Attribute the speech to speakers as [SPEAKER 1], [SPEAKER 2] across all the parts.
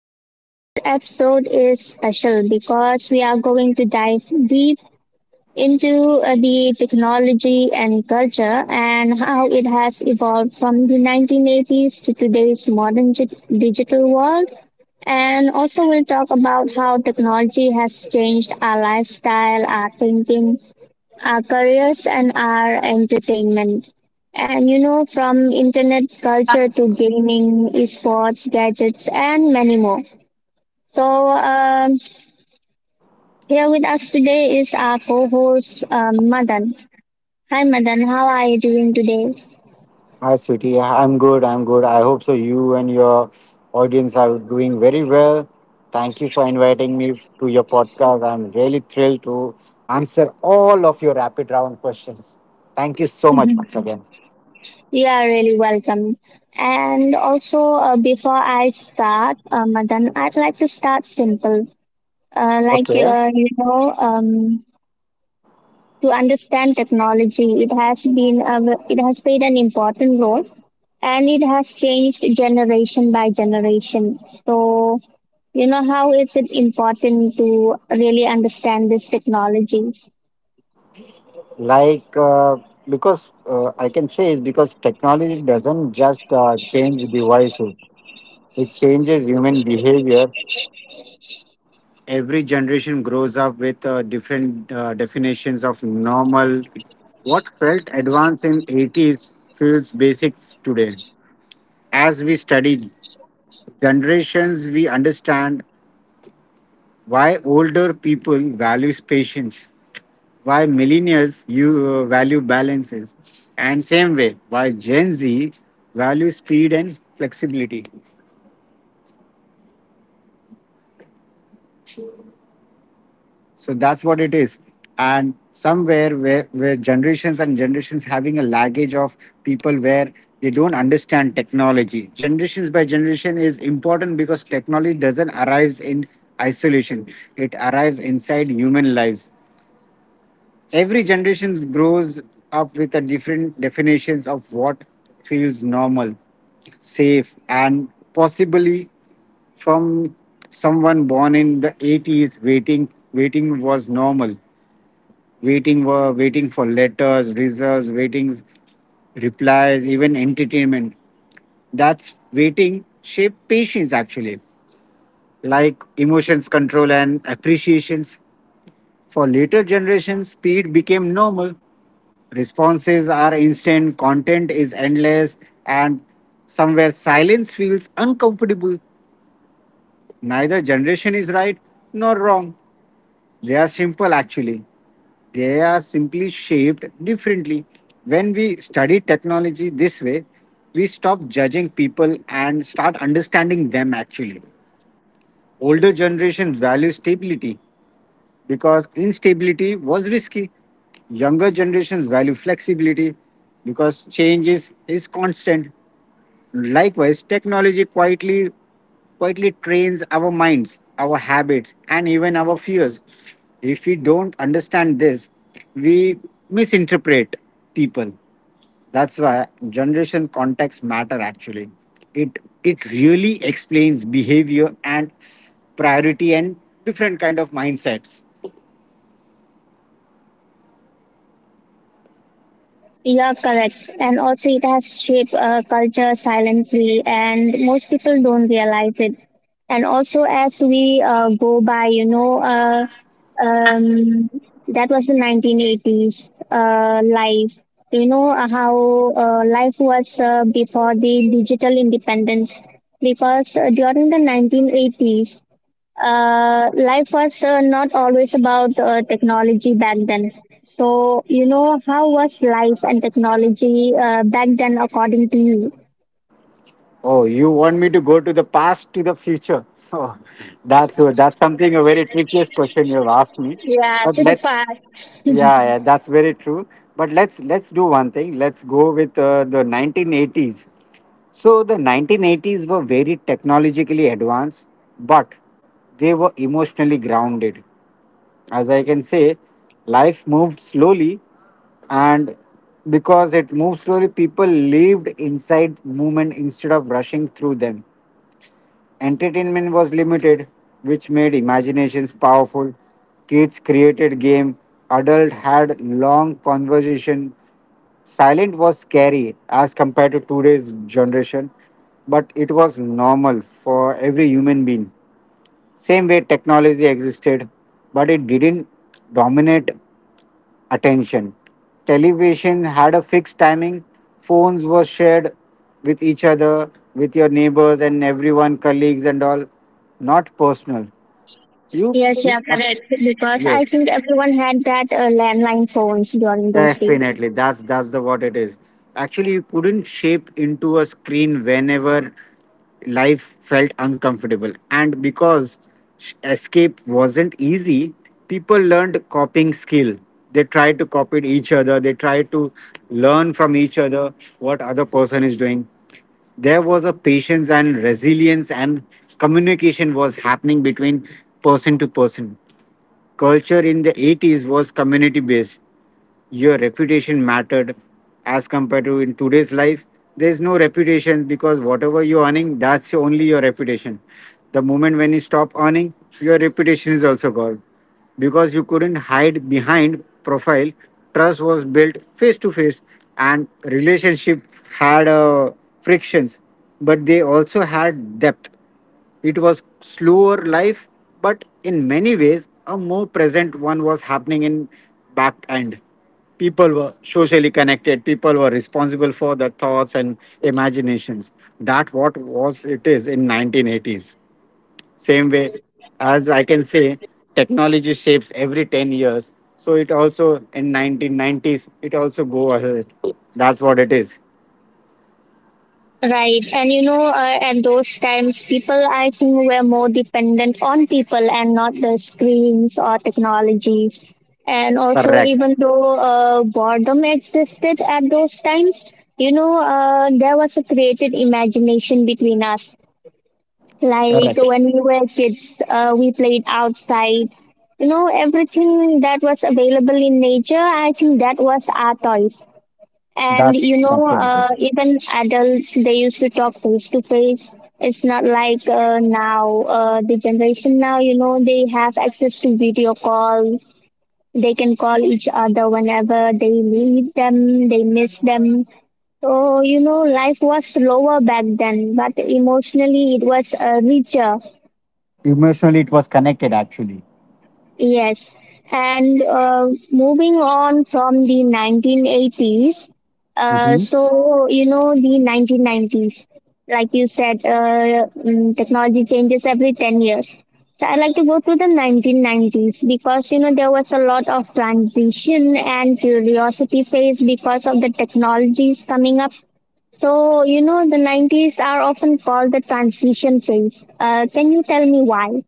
[SPEAKER 1] And today's episode is special because we are going to dive deep into the technology and culture and how it has evolved from the 1980s to today's modern digital world. And also, we'll talk about how technology has changed our lifestyle, our thinking, our careers and our entertainment. And you know, from internet culture to gaming, esports, gadgets, and many more. So, here with us today is our co host, Madan. Hi, Madan, how are you doing today?
[SPEAKER 2] Hi, Sweetie. I'm good. I'm good. I hope so. You and your audience are doing very well. Thank you for inviting me to your podcast. I'm really thrilled to answer all of your rapid round questions. Thank you so much
[SPEAKER 1] Mhm.
[SPEAKER 2] once again.
[SPEAKER 1] You are really welcome. And also, before I start, Madan, I'd like to start simple. Uh, like,
[SPEAKER 2] Okay.
[SPEAKER 1] uh, you know, um, to understand technology. It has played an important role and it has changed generation by generation. So you know, how is it important to really understand these technologies?
[SPEAKER 2] Like, uh, because I can say is because technology doesn't just change devices, it changes human behavior. Every generation grows up with different definitions of normal. What felt advanced in 80s feels basic today. As we study generations, we understand why older people values patience, why millennials you value balances, and same way why Gen Z values speed and flexibility. So that's what it is. And somewhere where generations and generations having a luggage of people where they don't understand technology. Generations by generation is important because technology doesn't arrive in isolation. It arrives inside human lives. Every generation grows up with a different definitions of what feels normal, safe, and possibly from someone born in the 80s. Waiting was normal, waiting for letters, results, waitings, replies, even entertainment. That's waiting shape patience actually, like emotions control and appreciations. For later generations, speed became normal. Responses are instant, content is endless, and somewhere silence feels uncomfortable. Neither generation is right nor wrong. They are simple actually. They are simply shaped differently. When we study technology this way, we stop judging people and start understanding them actually. Older generations value stability because instability was risky. Younger generations value flexibility because change is constant. Likewise, technology quietly trains our minds, our habits, and even our fears. If we don't understand this, we misinterpret people. That's why generation context matter actually. It really explains behavior and priority and different kind of mindsets.
[SPEAKER 1] Yeah, correct. And also, it has shaped culture silently, and most people don't realize it. And also, as we go by, um, that was the 1980s life. You know, how life was before the digital independence, because during the 1980s, life was not always about technology back then. So, you know, how was life and technology back then according to you?
[SPEAKER 2] Oh, you want me to go to the past to the future? Oh, that's something a very trickiest question you've asked me.
[SPEAKER 1] Yeah,
[SPEAKER 2] But
[SPEAKER 1] to the
[SPEAKER 2] let's—
[SPEAKER 1] past.
[SPEAKER 2] yeah, yeah, that's very true. But let's do one thing. Let's go with the 1980s. So the 1980s were very technologically advanced, but they were emotionally grounded. As I can say, life moved slowly, and because it moved slowly, people lived inside movement instead of rushing through them. Entertainment was limited, which made imaginations powerful. Kids created game, adult had long conversation. Silent was scary as compared to today's generation, but it was normal for every human being. Same way technology existed, but it didn't dominate attention. Television had a fixed timing, phones were shared with each other, with your neighbors and everyone, colleagues and all, not personal. You,
[SPEAKER 1] Yes,
[SPEAKER 2] you-
[SPEAKER 1] yeah, correct. Because I
[SPEAKER 2] yes.
[SPEAKER 1] think everyone had that landline phones during those days.
[SPEAKER 2] Definitely, that's the what it is. Actually, you couldn't shape into a screen whenever life felt uncomfortable, and because escape wasn't easy, people learned copying skill. They tried to copy each other. They tried to learn from each other what other person is doing. There was a patience and resilience, and communication was happening between person to person. Culture in the 80s was community based. Your reputation mattered as compared to in today's life. There's no reputation because whatever you're earning, that's only your reputation. The moment when you stop earning, your reputation is also gone, because you couldn't hide behind profile. Trust was built face to face, and relationship had frictions, but they also had depth. It was slower life, but in many ways a more present one was happening in back end. People were socially connected. People were responsible for their thoughts and imaginations. That what was it is in 1980s. Same way, as I can say, technology shapes every 10 years. So it also in 1990s it also go ahead. That's what it is.
[SPEAKER 1] Right, and you know, at those times, people I think were more dependent on people and not the screens or technologies. And also,
[SPEAKER 2] Correct.
[SPEAKER 1] even though boredom existed at those times, you know, there was a creative imagination between us. Like
[SPEAKER 2] Correct.
[SPEAKER 1] when we were kids, we played outside. You know, everything that was available in nature, I think that was our toys. And
[SPEAKER 2] That's
[SPEAKER 1] you
[SPEAKER 2] that's
[SPEAKER 1] know,
[SPEAKER 2] what it is.
[SPEAKER 1] even adults they used to talk face to face. It's not like now the generation now. You know, they have access to video calls. They can call each other whenever they need them. They miss them. So you know, life was slower back then, but emotionally it was richer.
[SPEAKER 2] Emotionally, it was connected actually.
[SPEAKER 1] Yes, and moving on from the 1980s,
[SPEAKER 2] Mhm.
[SPEAKER 1] so you know the 1990s, like you said, technology changes every 10 years. So I like to go to the 1990s because you know there was a lot of transition and curiosity phase because of the technologies coming up. So you know the 90s are often called the transition phase. Can you tell me why?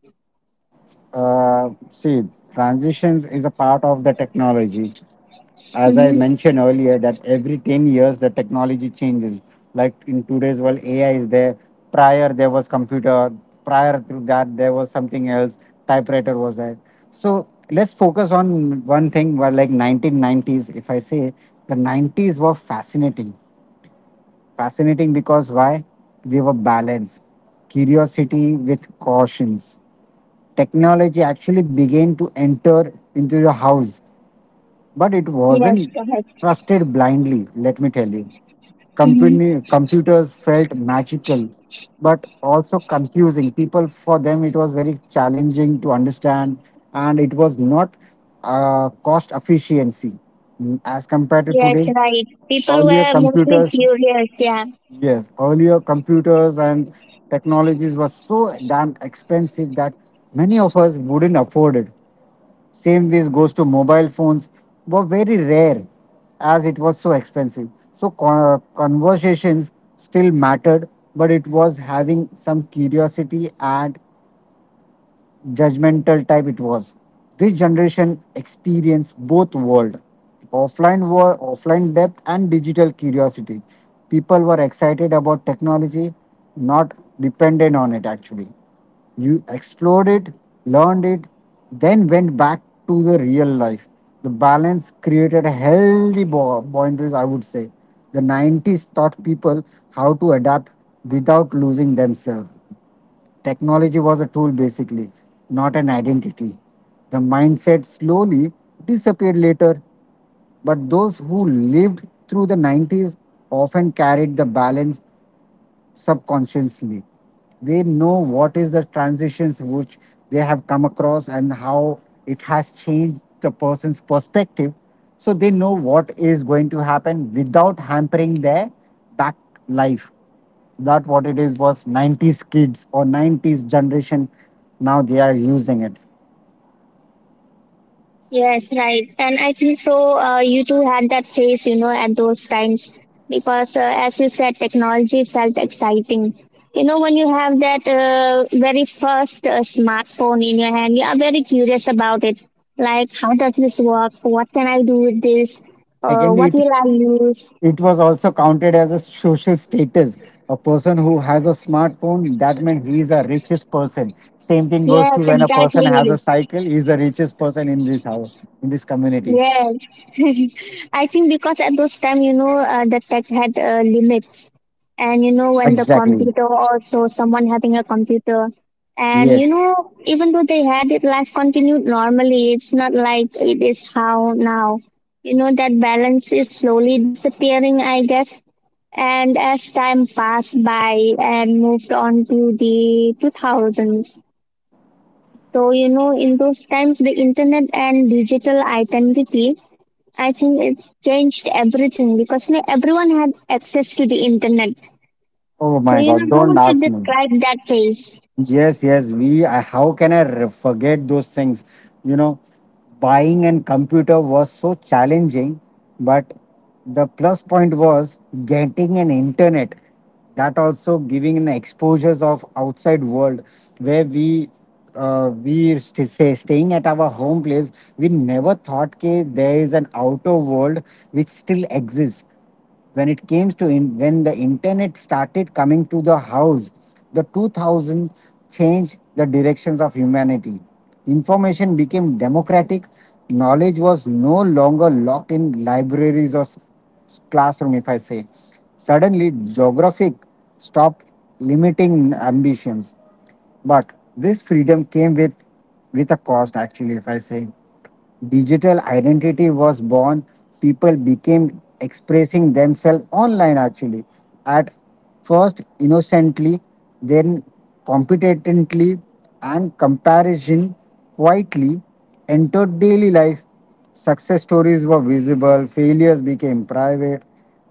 [SPEAKER 2] See, transitions is a part of the technology. As I
[SPEAKER 1] Hmm.
[SPEAKER 2] mentioned earlier, that every 10 years the technology changes. Like in today's world, AI is there. Prior there was computer. Prior to that there was something else. Typewriter was there. So let's focus on one thing. Where like 1990s, if I say the 90s were fascinating. Fascinating because why? They were balanced. Curiosity with cautions. Technology actually began to enter into your house, but it
[SPEAKER 1] Yes,
[SPEAKER 2] wasn't
[SPEAKER 1] go ahead.
[SPEAKER 2] trusted blindly, let me tell you.
[SPEAKER 1] Mm-hmm.
[SPEAKER 2] Company, computers felt magical, but also confusing. People, for them, it was very challenging to understand, and it was not cost efficiency. As compared to
[SPEAKER 1] Yes,
[SPEAKER 2] today,
[SPEAKER 1] right. People
[SPEAKER 2] earlier
[SPEAKER 1] were mostly
[SPEAKER 2] computers—
[SPEAKER 1] curious. Yeah.
[SPEAKER 2] yes, earlier computers and technologies were so damn expensive that many of us wouldn't afford it. Same ways goes to mobile phones were very rare as it was so expensive. So conversations still mattered, but it was having some curiosity and judgmental type it was. This generation experienced both world, offline depth and digital curiosity. People were excited about technology, not dependent on it actually. You explored it, learned it, then went back to the real life. The balance created a healthy boundaries, I would say. The 90s taught people how to adapt without losing themselves. Technology was a tool basically, not an identity. The mindset slowly disappeared later, but those who lived through the 90s often carried the balance subconsciously. They know what is the transitions which they have come across and how it has changed the person's perspective. So they know what is going to happen without hampering their back life. That what it is was 90s kids or 90s generation. Now they are using it.
[SPEAKER 1] Yes, right. And I think so. You two had that phase, you know, at those times because, as you said, technology felt exciting. You know, when you have that very first smartphone in your hand, you are very curious about it. Like, how does this work? What can I do with this?
[SPEAKER 2] Secondly,
[SPEAKER 1] What
[SPEAKER 2] it,
[SPEAKER 1] will I use?
[SPEAKER 2] it was also counted as a social status. A person who has a smartphone, that means he is a richest person. Same thing goes to
[SPEAKER 1] Yes,
[SPEAKER 2] when a person has a
[SPEAKER 1] exactly.
[SPEAKER 2] cycle, he is the richest person in this house, in this community.
[SPEAKER 1] Yes, I think because at those time, you know, the tech had limits, and you know, when the
[SPEAKER 2] Exactly,
[SPEAKER 1] computer also someone having a computer, and
[SPEAKER 2] yes.
[SPEAKER 1] you know, even though they had it, life continued normally. It's not like it is how now. You know, that balance is slowly disappearing, I guess. And as time passed by and moved on to the 2000s, so you know, in those times, the internet and digital identity I think it's changed everything because you know, everyone had access to the internet.
[SPEAKER 2] Oh
[SPEAKER 1] So
[SPEAKER 2] my
[SPEAKER 1] you
[SPEAKER 2] god,
[SPEAKER 1] know, how
[SPEAKER 2] don't
[SPEAKER 1] would you
[SPEAKER 2] ask me.
[SPEAKER 1] describe that phase?
[SPEAKER 2] Yes, yes. How can I forget those things? You know, buying a computer was so challenging, but the plus point was getting an internet. That also giving an exposures of outside world where we say staying at our home place. We never thought that there is an outer world which still exists. When it came to when the internet started coming to the house, the 2000 changed the directions of humanity. Information became democratic. Knowledge was no longer locked in libraries or classroom, if I say. Suddenly geographic stopped limiting ambitions, but this freedom came with a cost actually, if I say. Digital identity was born. People became expressing themselves online actually. At first innocently, then competently, and comparison quietly entered daily life. Success stories were visible, failures became private,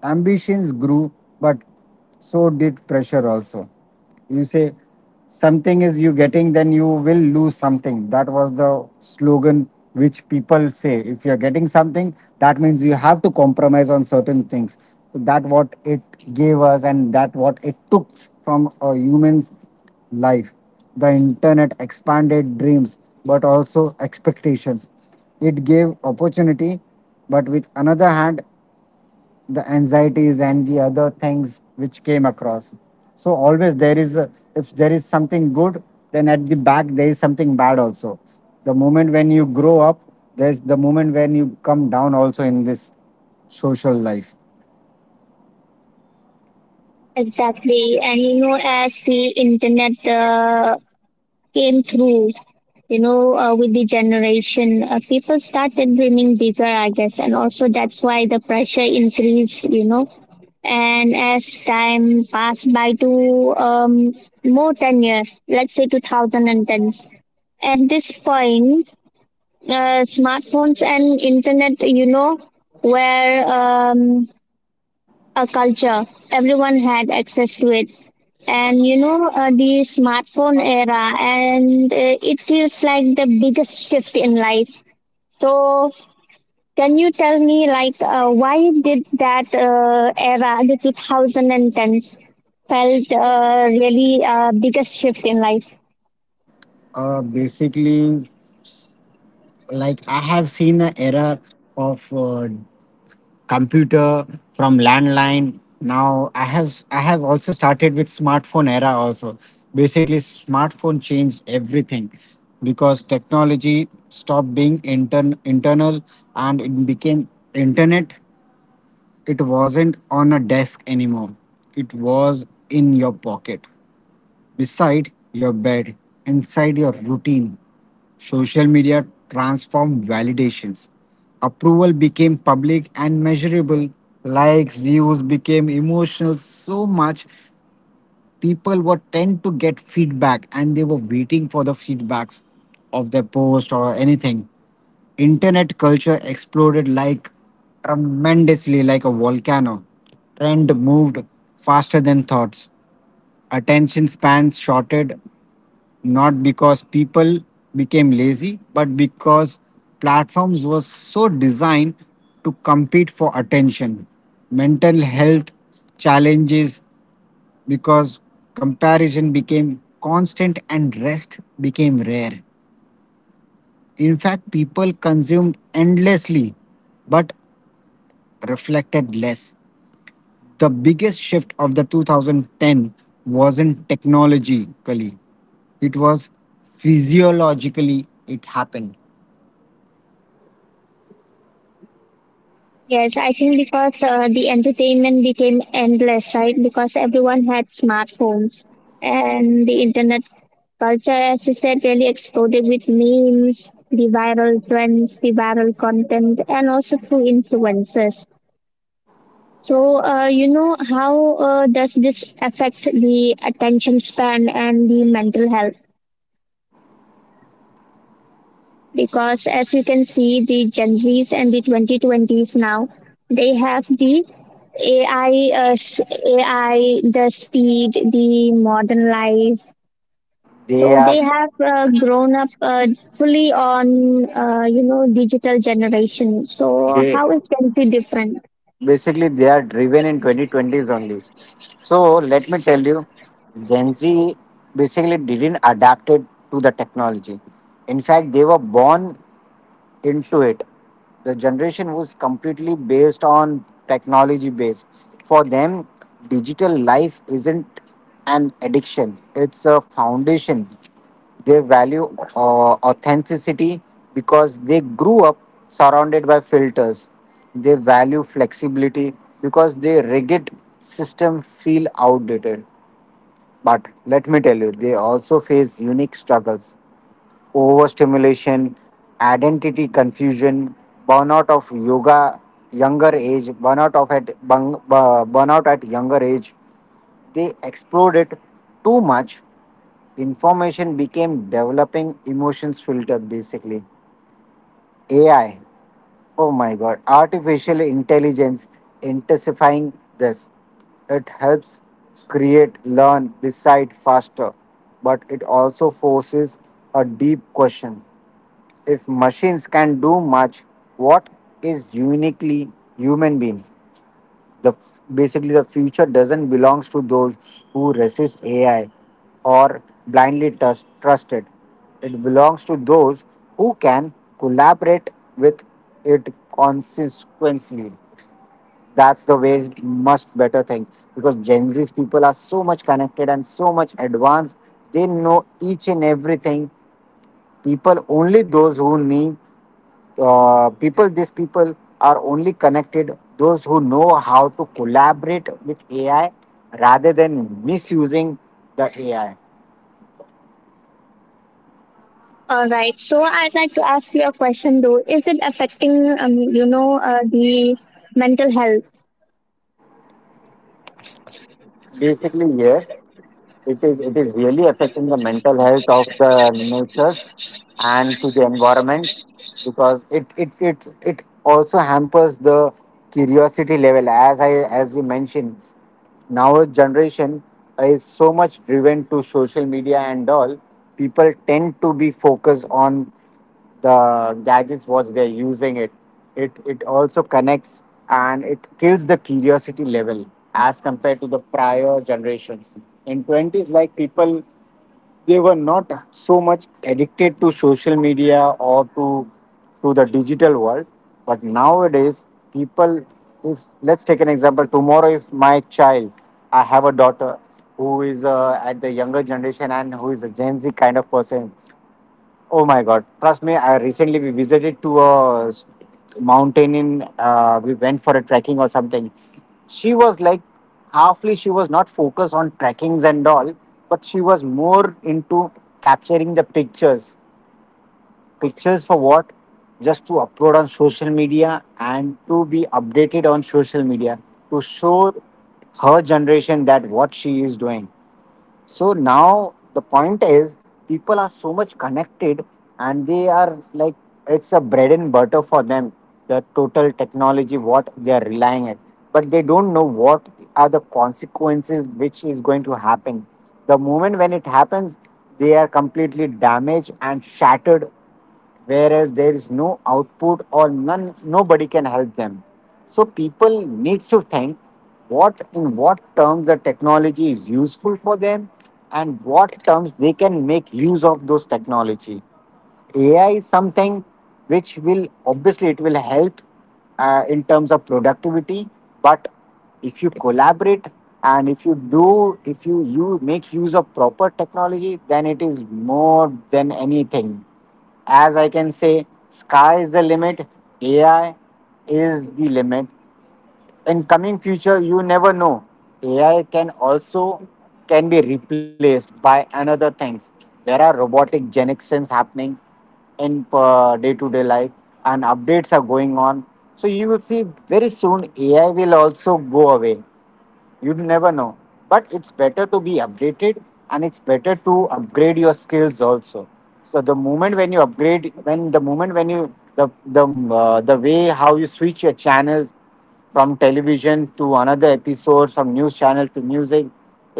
[SPEAKER 2] ambitions grew, but so did pressure also. You say something is you getting, then you will lose something. That was the slogan which people say. If you're getting something, that means you have to compromise on certain things. So that what it gave us, and that what it took from a human's life. The internet expanded dreams, but also expectations. It gave opportunity, but with another hand, the anxieties and the other things which came across. So always there is a— if there is something good, then at the back there is something bad also. The moment when you grow up, there's the moment when you come down also in this social life.
[SPEAKER 1] Exactly? And you know, as the internet came through, you know, with the generation, people started dreaming bigger, I guess, and also that's why the pressure increased. You know, and as time passed by to more 10 years, let's say 2010s. At this point, smartphones and internet, you know, were a culture. Everyone had access to it. And you know, the smartphone era, and it feels like the biggest shift in life. So, can you tell me, like, why did that era, the 2010s, felt really biggest shift in life?
[SPEAKER 2] Basically, like I have seen an era of computer, from landline. Now I have also started with smartphone era also. Basically smartphone changed everything because technology stopped being internal and it became internet. It wasn't on a desk anymore. It was in your pocket, beside your bed, inside your routine. Social media transformed validations. Approval became public and measurable. Likes, views became emotional so much. People were tend to get feedback and they were waiting for the feedbacks of their post or anything. Internet culture exploded like tremendously, like a volcano. Trend moved faster than thoughts. Attention spans shorted not because people became lazy, but because platforms were so designed to compete for attention. Mental health challenges because comparison became constant and rest became rare. In fact, people consumed endlessly but reflected less. The biggest shift of the 2010 wasn't technologically, it was physiologically it happened.
[SPEAKER 1] Yes, I think because the entertainment became endless, right? Because everyone had smartphones and the internet culture, as you said, really exploded with memes, the viral trends, the viral content, and also through influencers. So, you know, how does this affect the attention span and the mental health? Because as you can see the Gen Z's and the 2020s now, they have the AI, uh, s- AI, the speed, the modern life.
[SPEAKER 2] They
[SPEAKER 1] So they
[SPEAKER 2] are
[SPEAKER 1] have grown up fully on, you know, digital generation. So
[SPEAKER 2] they
[SPEAKER 1] how is Gen Z different?
[SPEAKER 2] basically they are driven in 2020s only. So let me tell you, Gen Z basically didn't adapt it to the technology. In fact, they were born into it. The generation was completely based on technology base. For them, digital life isn't an addiction, it's a foundation. They value authenticity because they grew up surrounded by filters. They value flexibility because their rigid system feel outdated. But let me tell you, they also face unique struggles: overstimulation, identity confusion, burnout of yoga younger age, burnout of at bung, bu- burnout at younger age. They explored it too much. Information became developing emotions filter basically. AI. Oh my god, artificial intelligence intensifying this. It helps create, learn, decide faster, but it also forces a deep question. If machines can do much, what is uniquely human being? Basically, the future doesn't belong to those who resist AI or blindly trust it. It belongs to those who can collaborate with it consistently. That's the way much better thing because Gen Z people are so much connected and so much advanced. They know each and everything. People only those who need people these people are only connected those who know how to collaborate with ai rather than misusing the ai
[SPEAKER 1] All right, so I'd like to ask you a question though, is it affecting you know, the mental health?
[SPEAKER 2] basically yes. It is really affecting the mental health of the natures and to the environment because it also hampers the curiosity level as I as we mentioned. Now generation is so much driven to social media and all. People tend to be focused on the gadgets what they're using it also connects and it kills the curiosity level as compared to the prior generations in 20s, like people they were not so much addicted to social media or to the digital world, but nowadays people if let's take an example tomorrow if my child, I have a daughter who is at the younger generation and who is a gen z kind of person. Oh my God! Trust me, I recently we visited to a mountain in. We went for a trekking or something. She was like halfly. She was not focused on trekkings and all, but she was more into capturing the pictures. Pictures for what? Just to upload on social media and to be updated on social media to show her generation that what she is doing. So now the point is, people are so much connected, and they are like it's a bread and butter for them. The total technology, what they are relying at, but they don't know what are the consequences which is going to happen. The moment when it happens, they are completely damaged and shattered whereas there is no output or none nobody can help them. So people need to think what in what terms the technology is useful for them and what terms they can make use of those technology. AI is something which will obviously it will help in terms of productivity, but if you collaborate and if you do if you you make use of proper technology, then it is more than anything. As I can say, sky is the limit. AI is the limit, in coming future you never know ai can also can be replaced by another things. There are robotic generations happening in day-to-day life and updates are going on, so you will see very soon ai will also go away, you never know. But it's better to be updated and it's better to upgrade your skills also. So the moment when you upgrade when the moment when you the way how you switch your channels from television to another episode from news channel to music,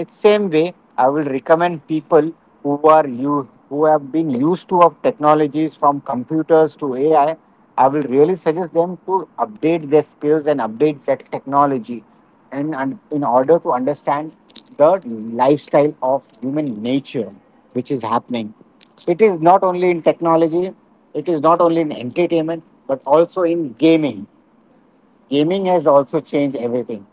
[SPEAKER 2] it's same way I will recommend people who are you who have been used to of technologies from computers to ai, I will really suggest them to update their skills and update that technology and in order to understand the lifestyle of human nature which is happening. It is not only in technology, it is not only in entertainment, but also in gaming. Gaming has also changed everything.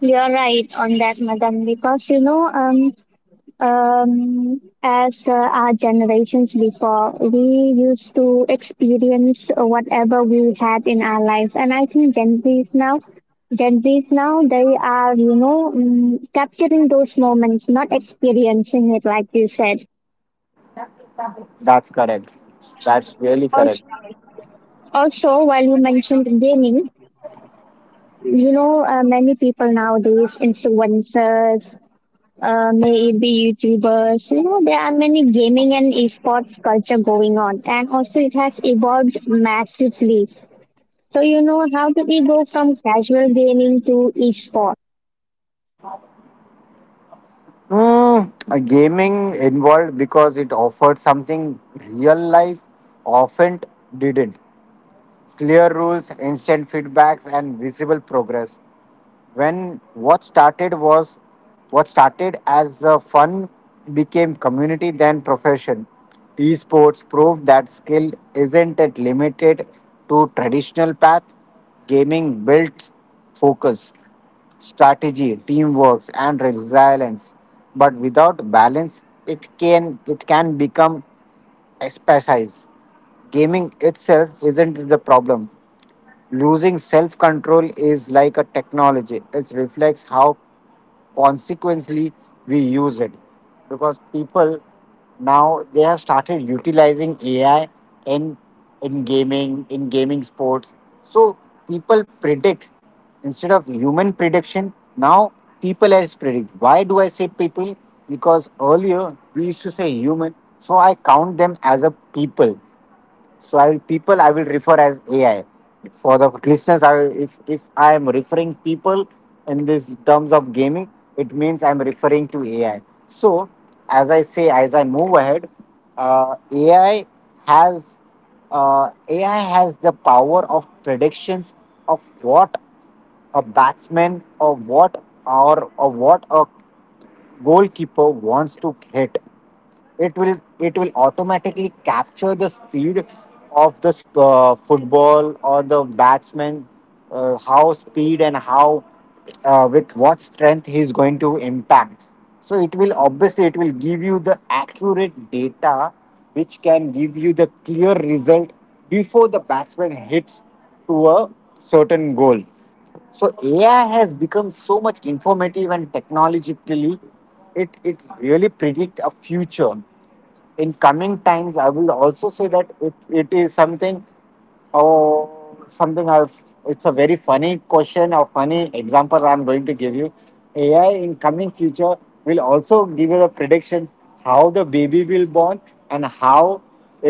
[SPEAKER 1] You're right on that, madam because you know, as our generations before, we used to experience whatever we had in our life, and I think Gen Zs now, they are you know capturing those moments, not experiencing it like you said.
[SPEAKER 2] That's correct. That's really correct.
[SPEAKER 1] Also, Also, while you mentioned gaming, you know, many people nowadays, influencers, may it be YouTubers. You know, there are many gaming and esports culture going on, and also it has evolved massively. So you know, how do we go from casual gaming to esports?
[SPEAKER 2] Mm, a gaming involved because it offered something real life often didn't. Clear rules, instant feedbacks, and visible progress. When what started was What started as a fun became community then profession. Esports proved that skill isn't it limited to traditional path. Gaming built focus, strategy, teamwork and resilience, but without balance it can become expertise. Gaming itself isn't the problem. Losing self control is like a technology, it reflects how consequently we use it. Because people now they have started utilizing AI in, in gaming sports. So people predict instead of human prediction, now people as predict. Why do I say people? Because earlier we used to say human, so I count them as a people. So I will people I will refer as AI. For the listeners, if I am referring people in this terms of gaming, it means I'm referring to AI. So as I say, as I move ahead, AI has AI has the power of predictions of what a batsman or what or what a goalkeeper wants to hit. It will automatically capture the speed of the football or the batsman, how speed and how with what strength he's going to impact. So it will obviously it will give you the accurate data which can give you the clear result before the batsman hits to a certain goal. So ai has become so much informative and technologically it really predict a future. In coming times, I will also say that it is something or something I've it's a very funny question or funny example I'm going to give you. AI in coming future will also give you the predictions how the baby will born and how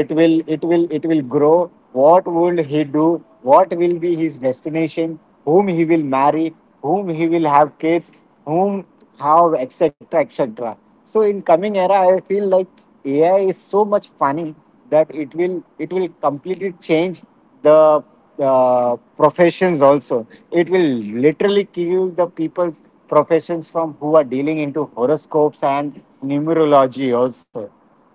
[SPEAKER 2] it will grow, what will he do, what will be his destination, whom he will marry, whom he will have kids, whom how etc etc. So in coming era I feel like AI is so much funny that it will completely change the professions also. It will literally kill the people's professions from who are dealing into horoscopes and numerology also.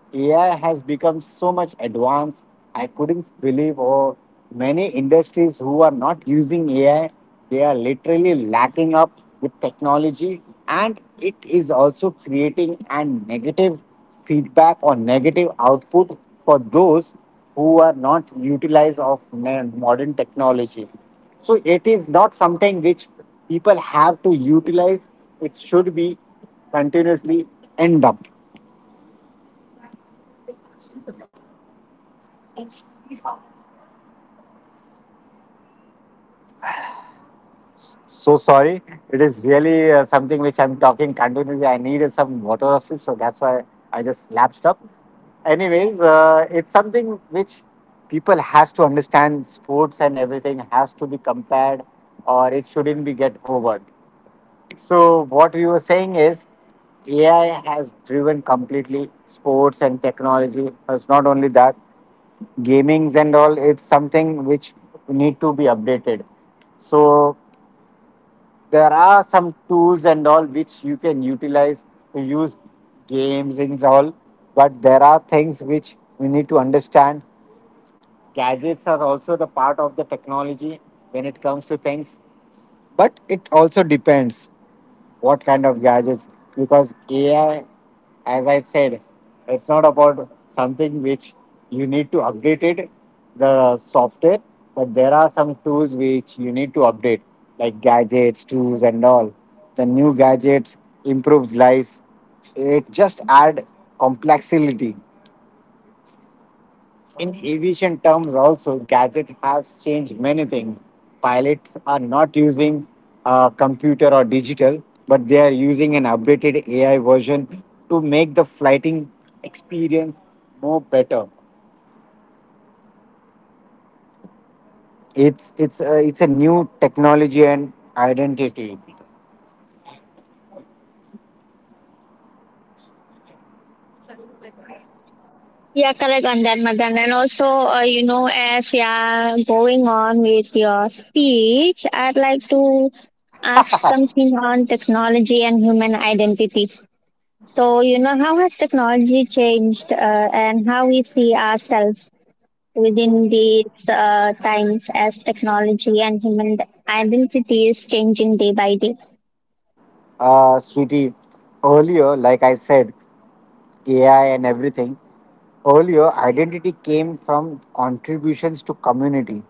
[SPEAKER 2] AI has become so much advanced. I couldn't believe oh, many industries who are not using AI, they are literally lacking up with technology and it is also creating a negative feedback or negative output for those who are not utilized of modern technology. So it is not something which people have to utilize. It should be continuously end up. So sorry, it is really something which I'm talking continuously. I needed some water or something, so that's why I just lapsed up. Anyways, it's something which people has to understand. Sports and everything has to be compared, or it shouldn't be get over. So what you were saying is AI has driven completely sports and technology. It's not only that. Gamings and all, it's something which need to be updated. So there are some tools and all which you can utilize to use games and all, but there are things which we need to understand. Gadgets are also the part of the technology when it comes to things, but it also depends what kind of gadgets, because ai, as I said, it's not about something which you need to update it the software, but there are some tools which you need to update, like gadgets tools and all. The new gadgets improve lives, it just add complexity. In aviation terms, also, gadget has changed many things. Pilots are not using computer or digital, but they are using an updated AI version to make the flighting experience more better. It's a new technology and identity.
[SPEAKER 1] Yeah, correct on that, Madan. And also, you know, as you are going on with your speech, I'd like to ask something on technology and human identity. So, you know, how has technology changed and how we see ourselves within these times as technology and human identity is changing day by day?
[SPEAKER 2] Sweetie, earlier, like I said. AI, and everything. Earlier, identity came from contributions to community,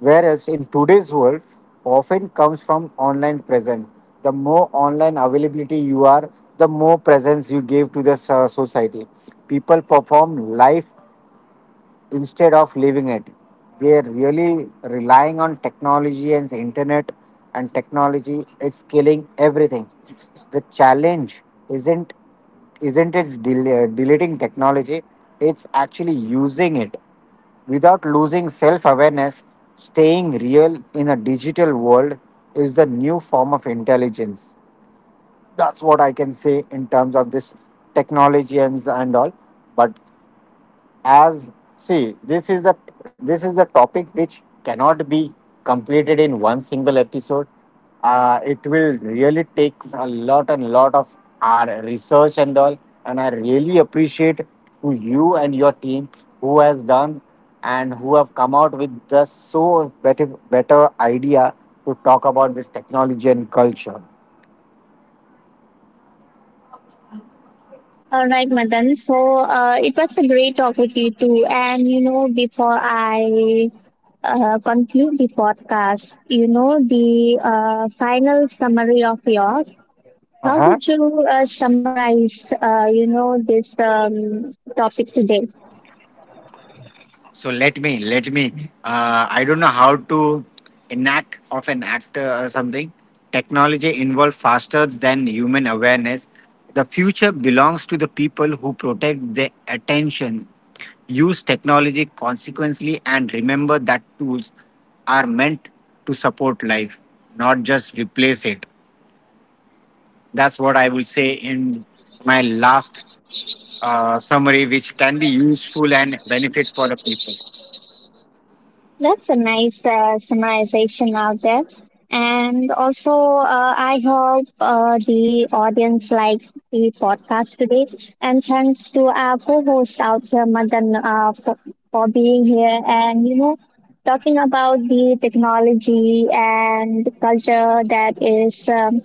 [SPEAKER 2] whereas in today's world, often comes from online presence. The more online availability you are, the more presence you give to the society. People perform life instead of leaving it. They're really relying on technology and the internet, and technology is killing everything. The challenge isn't isn't deleting technology; it's actually using it without losing self awareness, staying real in a digital world is the new form of intelligence. That's what I can say in terms of this technology and all. But as see this is the topic which cannot be completed in one single episode. Uh, it will really take a lot and lot of our research and all, and I really appreciate to you and your team who has done and who have come out with the so better idea to talk about this technology and culture.
[SPEAKER 1] All right, Madan. So it was a great talk with you too. And you know, before I conclude the podcast, you know, the final summary of yours.
[SPEAKER 2] Uh
[SPEAKER 1] How
[SPEAKER 2] huh.
[SPEAKER 1] would you summarize, you know, this topic today?
[SPEAKER 2] So let me. I don't know how to enact of an actor or something. Technology involved faster than human awareness. The future belongs to the people who protect their attention, use technology consequently, and remember that tools are meant to support life, not just replace it. That's what I will say in my last summary, which can be useful and benefit for the people.
[SPEAKER 1] That's a nice summarization out there. And also, I hope the audience likes the podcast today. And thanks to our co-host out there, Madan, for being here and, you know, talking about the technology and culture that is um,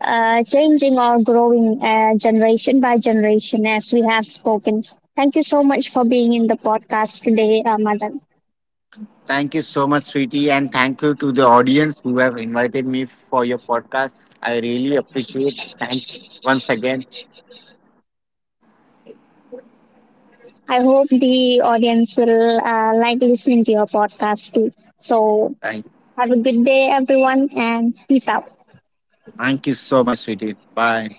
[SPEAKER 1] uh, changing or growing generation by generation as we have spoken. Thank you so much for being in the podcast today, Madan.
[SPEAKER 2] Thank you so much, sweetie, and thank you to the audience who have invited me for your podcast. I really appreciate. Thanks once again.
[SPEAKER 1] I hope the audience will like listening to your podcast too. So,
[SPEAKER 2] Thank,
[SPEAKER 1] have a good day, everyone, and peace out.
[SPEAKER 2] thank you so much, sweetie. Bye.